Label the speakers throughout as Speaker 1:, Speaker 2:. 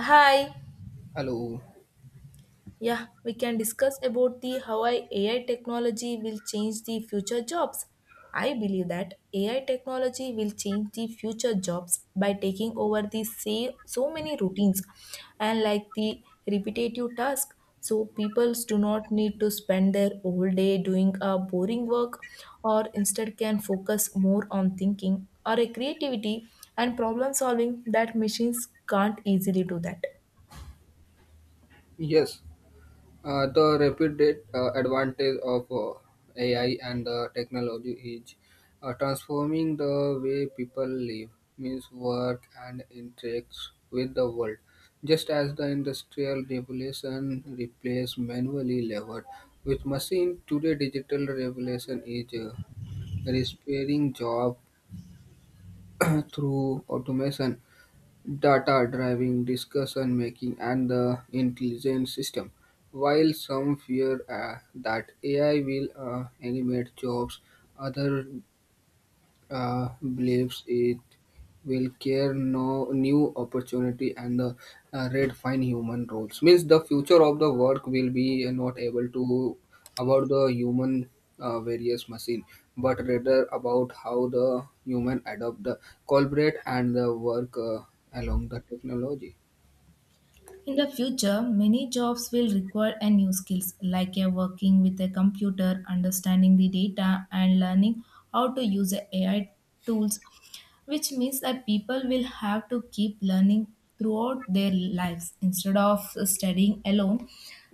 Speaker 1: Hi.
Speaker 2: Hello.
Speaker 1: Yeah, we can discuss about the how AI technology will change the future jobs. I believe that AI technology will change the future jobs by taking over the say so many routines and like the repetitive task. So people do not need to spend their whole day doing a boring work or instead can focus more on thinking or a creativity and problem solving that machines can't easily do that.
Speaker 2: Yes, the rapid advantage of AI and the technology is transforming the way people live, means work and interacts with the world. Just as the industrial revolution replaced manually labor with machine, today digital revolution is repairing job through automation data driving, discussion making, and the intelligent system. While some fear that AI will eliminate jobs, others uh, believes it will care no new opportunity and redefine human roles. Means the future of the work will be not able to about the human various machine, but rather about how the human adopt the collaborate and the work along the technology.
Speaker 1: In the future, many jobs will require a new skills like a working with a computer, understanding the data and learning how to use a AI tools, which means that people will have to keep learning throughout their lives instead of studying alone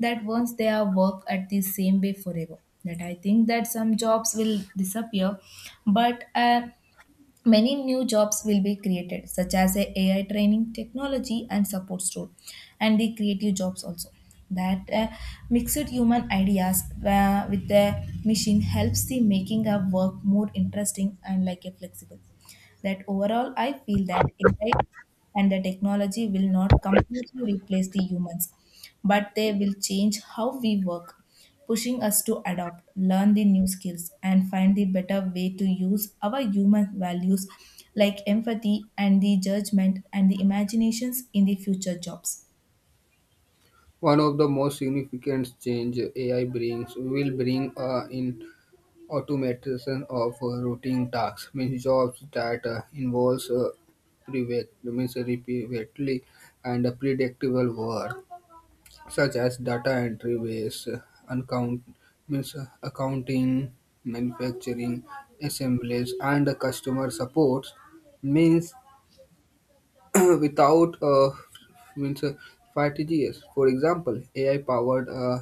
Speaker 1: that once they are work at the same way forever that I think that some jobs will disappear but Many new jobs will be created, such as a AI training, technology, and support role, and the creative jobs also. That Mixed human ideas with the machine helps the making of work more interesting and like a flexible. That overall, I feel that AI and the technology will not completely replace the humans, but they will change how we work, pushing us to adopt, learn the new skills, and find the better way to use our human values like empathy and the judgment and the imaginations in the future jobs.
Speaker 2: One of the most significant change AI brings will bring in automation of routine tasks means jobs that involves means repeatedly and predictable work, such as data entry, base, uncount means accounting, manufacturing, assemblies, and customer support. Means without means strategies. For example, AI powered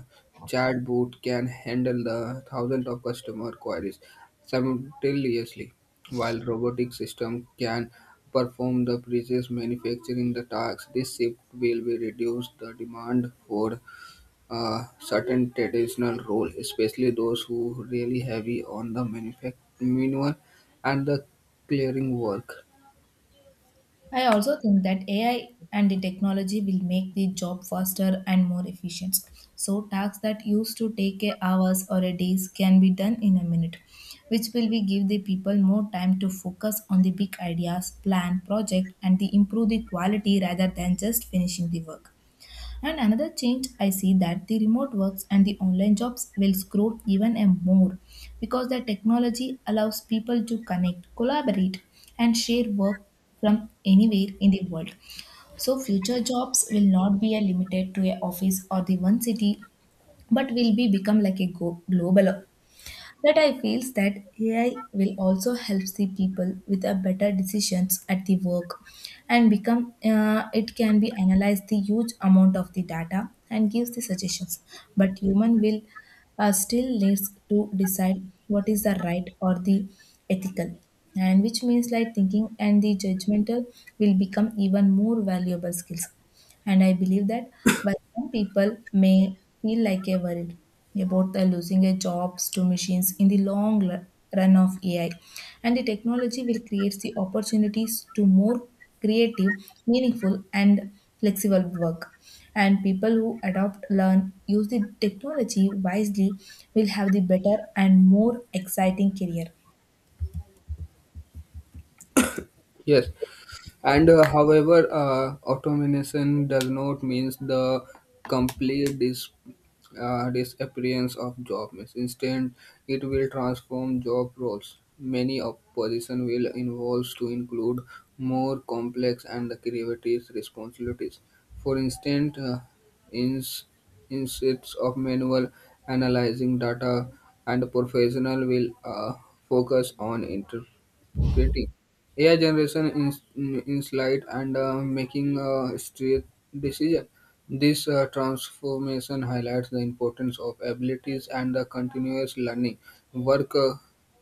Speaker 2: chatbot can handle the thousands of customer queries simultaneously, while robotic system can perform the precise manufacturing the tasks. This shift will be reduce the demand for certain traditional role, especially those who really heavy on the manual and the clearing work.
Speaker 1: I also think that AI and the technology will make the job faster and more efficient. So tasks that used to take a hours or a days can be done in a minute, which will be give the people more time to focus on the big ideas, plan, project, and the improve the quality rather than just finishing the work. And another change I see that the remote works and the online jobs will grow even a more because the technology allows people to connect, collaborate, and share work from anywhere in the world. So future jobs will not be a limited to a office or the one city, but will be become like a global. That I feels that AI will also helps the people with a better decisions at the work and become it can be analyzed the huge amount of the data and gives the suggestions but human will still needs to decide what is the right or the ethical and which means like thinking and the judgmental will become even more valuable skills. And I believe that while some people may feel like a worried about the losing their jobs to machines in the long run of AI, and the technology will create the opportunities to more creative, meaningful, and flexible work. And people who adopt, learn, use the technology wisely will have the better and more exciting career.
Speaker 2: Yes, and however, automation does not means the complete disappearance of job. Means instead, it will transform job roles. Many of position will involve to include more complex and creative responsibilities. For instance, ins- instead of manual analyzing data, and professional will focus on interpretation painting. AI generation in slide and making a straight decision. This transformation highlights the importance of abilities and the continuous learning. Worker,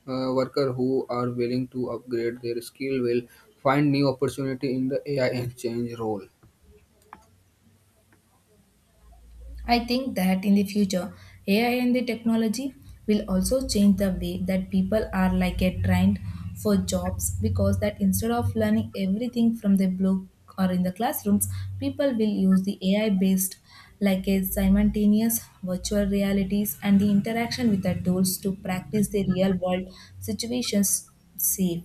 Speaker 2: worker who are willing to upgrade their skill will find new opportunity in the AI and change role.
Speaker 1: I think that in the future, AI and the technology will also change the way that people are like get trained for jobs because that instead of learning everything from the book or in the classrooms, people will use the AI based like a simultaneous virtual realities and the interaction with the tools to practice the real world situations safe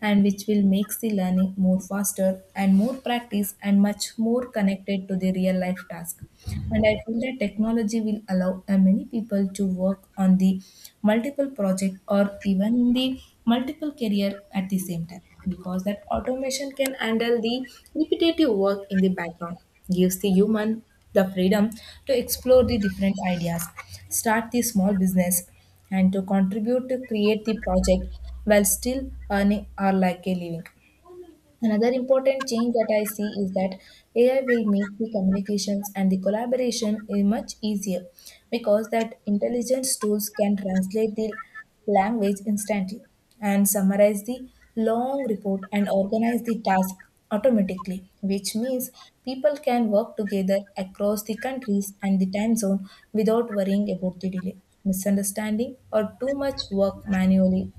Speaker 1: and which will makes the learning more faster and more practice and much more connected to the real life task. And I feel that technology will allow many people to work on the multiple project or even in the multiple career at the same time because that automation can handle the repetitive work in the background, gives the human the freedom to explore the different ideas, start the small business, and to contribute to create the project while still earning or like a living. Another important change that I see is that AI will make the communications and the collaboration much easier because that intelligence tools can translate the language instantly and summarize the long report and organize the task automatically, which means people can work together across the countries and the time zone without worrying about the delay, misunderstanding, or too much work manually.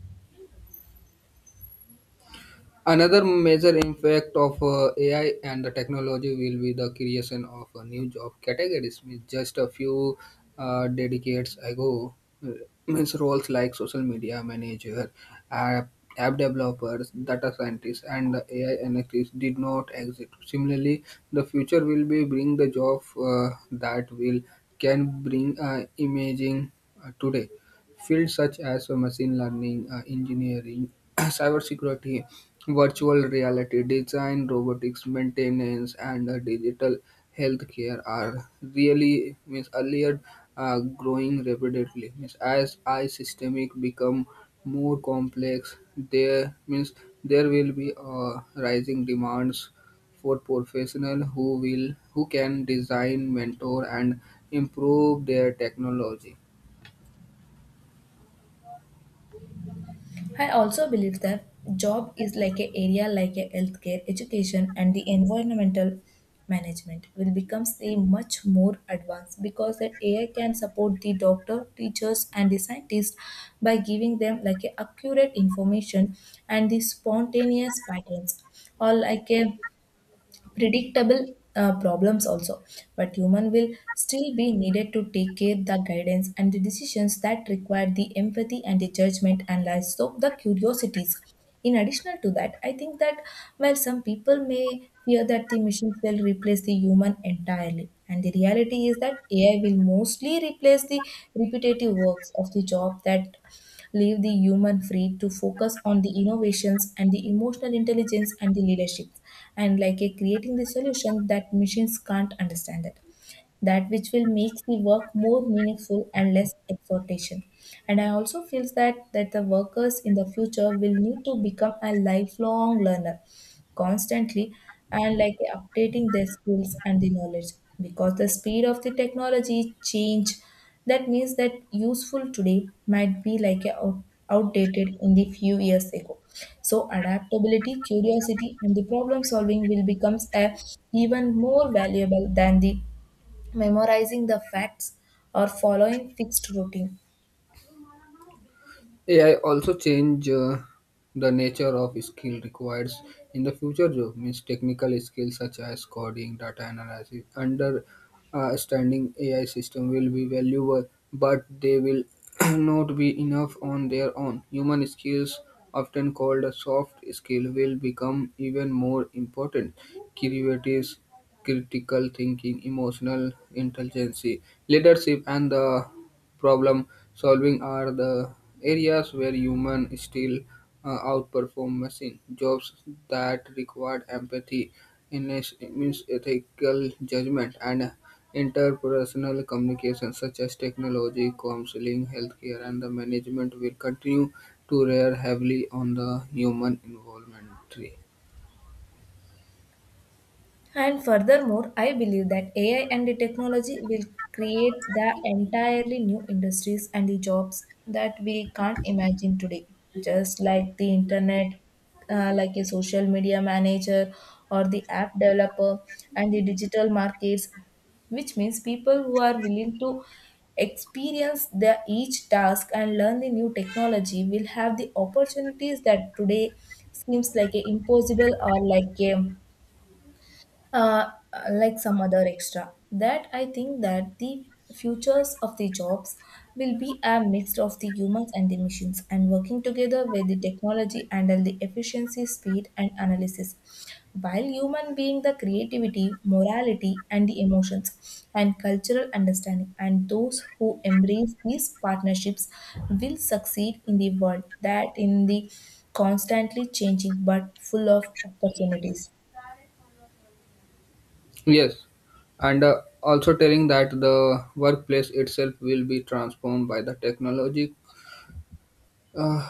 Speaker 2: Another major impact of AI and the technology will be the creation of a new job categories. Means just a few decades ago, uh, means roles like social media manager, app, app developers, data scientists, and the AI analysts did not exist. Similarly, the future will be bring the job that will can bring imaging today. Fields such as machine learning, engineering, cybersecurity, virtual reality design, robotics, maintenance, and digital healthcare are really means earlier growing rapidly. Means as I systemic become more complex, there means there will be rising demands for professional who can design, mentor, and improve their technology.
Speaker 1: I also believe that job is like an area like a healthcare, education, and the environmental management will become say much more advanced because that AI can support the doctor, teachers, and the scientists by giving them like a accurate information and the spontaneous patterns or like a predictable problems also, but human will still be needed to take care the guidance and the decisions that require the empathy and the judgment and also the curiosities. In addition to that I think that while some people may fear that the machines will replace the human entirely, and the reality is that ai will mostly replace the repetitive works of the job that leave the human free to focus on the innovations and the emotional intelligence and the leadership and like a creating the solution that machines can't understand it, that which will make the work more meaningful and less exhortation. And I also feel that that the workers in the future will need to become a lifelong learner constantly and like updating their skills and the knowledge because the speed of the technology change that means that useful today might be like a outdated in the few years ago. So adaptability curiosity and the problem solving will becomes a even more valuable than the memorizing the facts or following fixed routine.
Speaker 2: AI also change the nature of skill required in the future job means technical skills such as coding, data analysis, understanding AI system will be valuable, but they will not be enough on their own. Human skills, often called a soft skill, will become even more important. Creative, critical thinking, emotional intelligence, leadership, and the problem solving are the areas where humans still outperform machine. Jobs that require empathy, means ethical judgment, and interpersonal communication, such as technology, counseling, healthcare, and the management, will continue to rely heavily on the human involvement.
Speaker 1: And furthermore, I believe that AI and the technology will create the entirely new industries and the jobs that we can't imagine today. Just like the internet, like a social media manager or the app developer and the digital markets, which means people who are willing to experience the each task and learn the new technology will have the opportunities that today seems like a impossible or like a uh, like some other extra. That I think that the futures of the jobs will be a mix of the humans and the machines and working together with the technology handle the efficiency speed and analysis while human being the creativity morality and the emotions and cultural understanding, and those who embrace these partnerships will succeed in the world that in the constantly changing but full of opportunities.
Speaker 2: Yes, and also telling that the workplace itself will be transformed by the technology. Uh,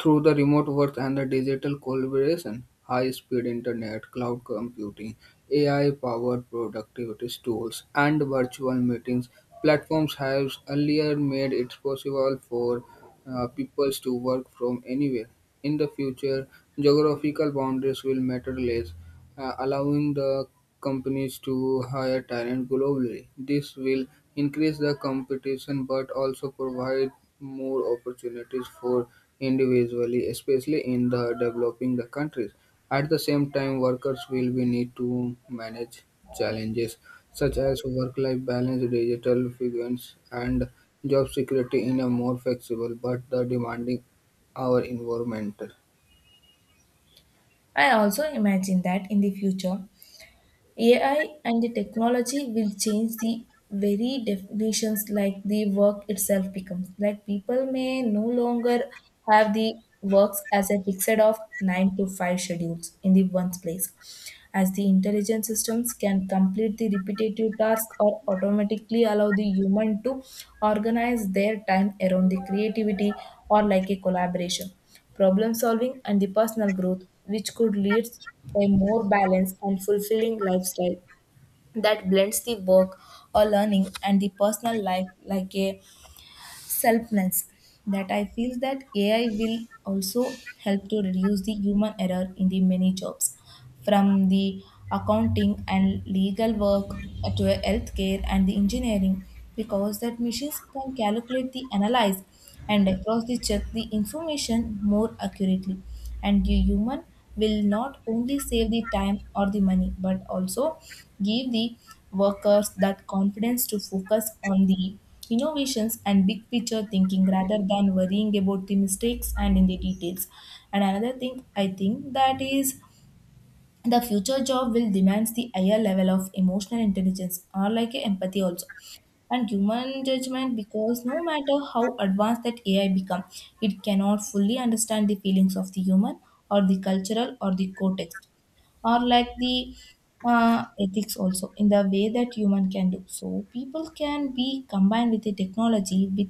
Speaker 2: Through the remote work and the digital collaboration, high-speed internet, cloud computing, AI-powered productivity tools, and virtual meetings, platforms have earlier made it possible for people to work from anywhere. In the future, geographical boundaries will matter less, allowing the companies to hire talent globally. This will increase the competition but also provide more opportunities for individually, especially in the developing the countries. At the same time, workers will be need to manage challenges such as work-life balance, digital fluence, and job security in a more flexible but the demanding our environment.
Speaker 1: I also imagine that in the future, AI and the technology will change the very definitions like the work itself becomes. Like people may no longer have the works as a fixed of 9 to 5 schedules in the one place, as the intelligent systems can complete the repetitive task or automatically allow the human to organize their time around the creativity or like a collaboration, problem solving and the personal growth, which could lead a more balanced and fulfilling lifestyle that blends the work or learning and the personal life like a selfness. That I feel that AI will also help to reduce the human error in the many jobs, from the accounting and legal work to healthcare and the engineering, because that machines can calculate the analyze and across the check the information more accurately, and the human will not only save the time or the money but also give the workers that confidence to focus on the innovations and big picture thinking rather than worrying about the mistakes and in the details. And another thing I think that is the future job will demands the higher level of emotional intelligence or like empathy also and human judgment, because no matter how advanced that AI become, it cannot fully understand the feelings of the human or the cultural or the context or like the ethics also in the way that human can do. So people can be combined with the technology with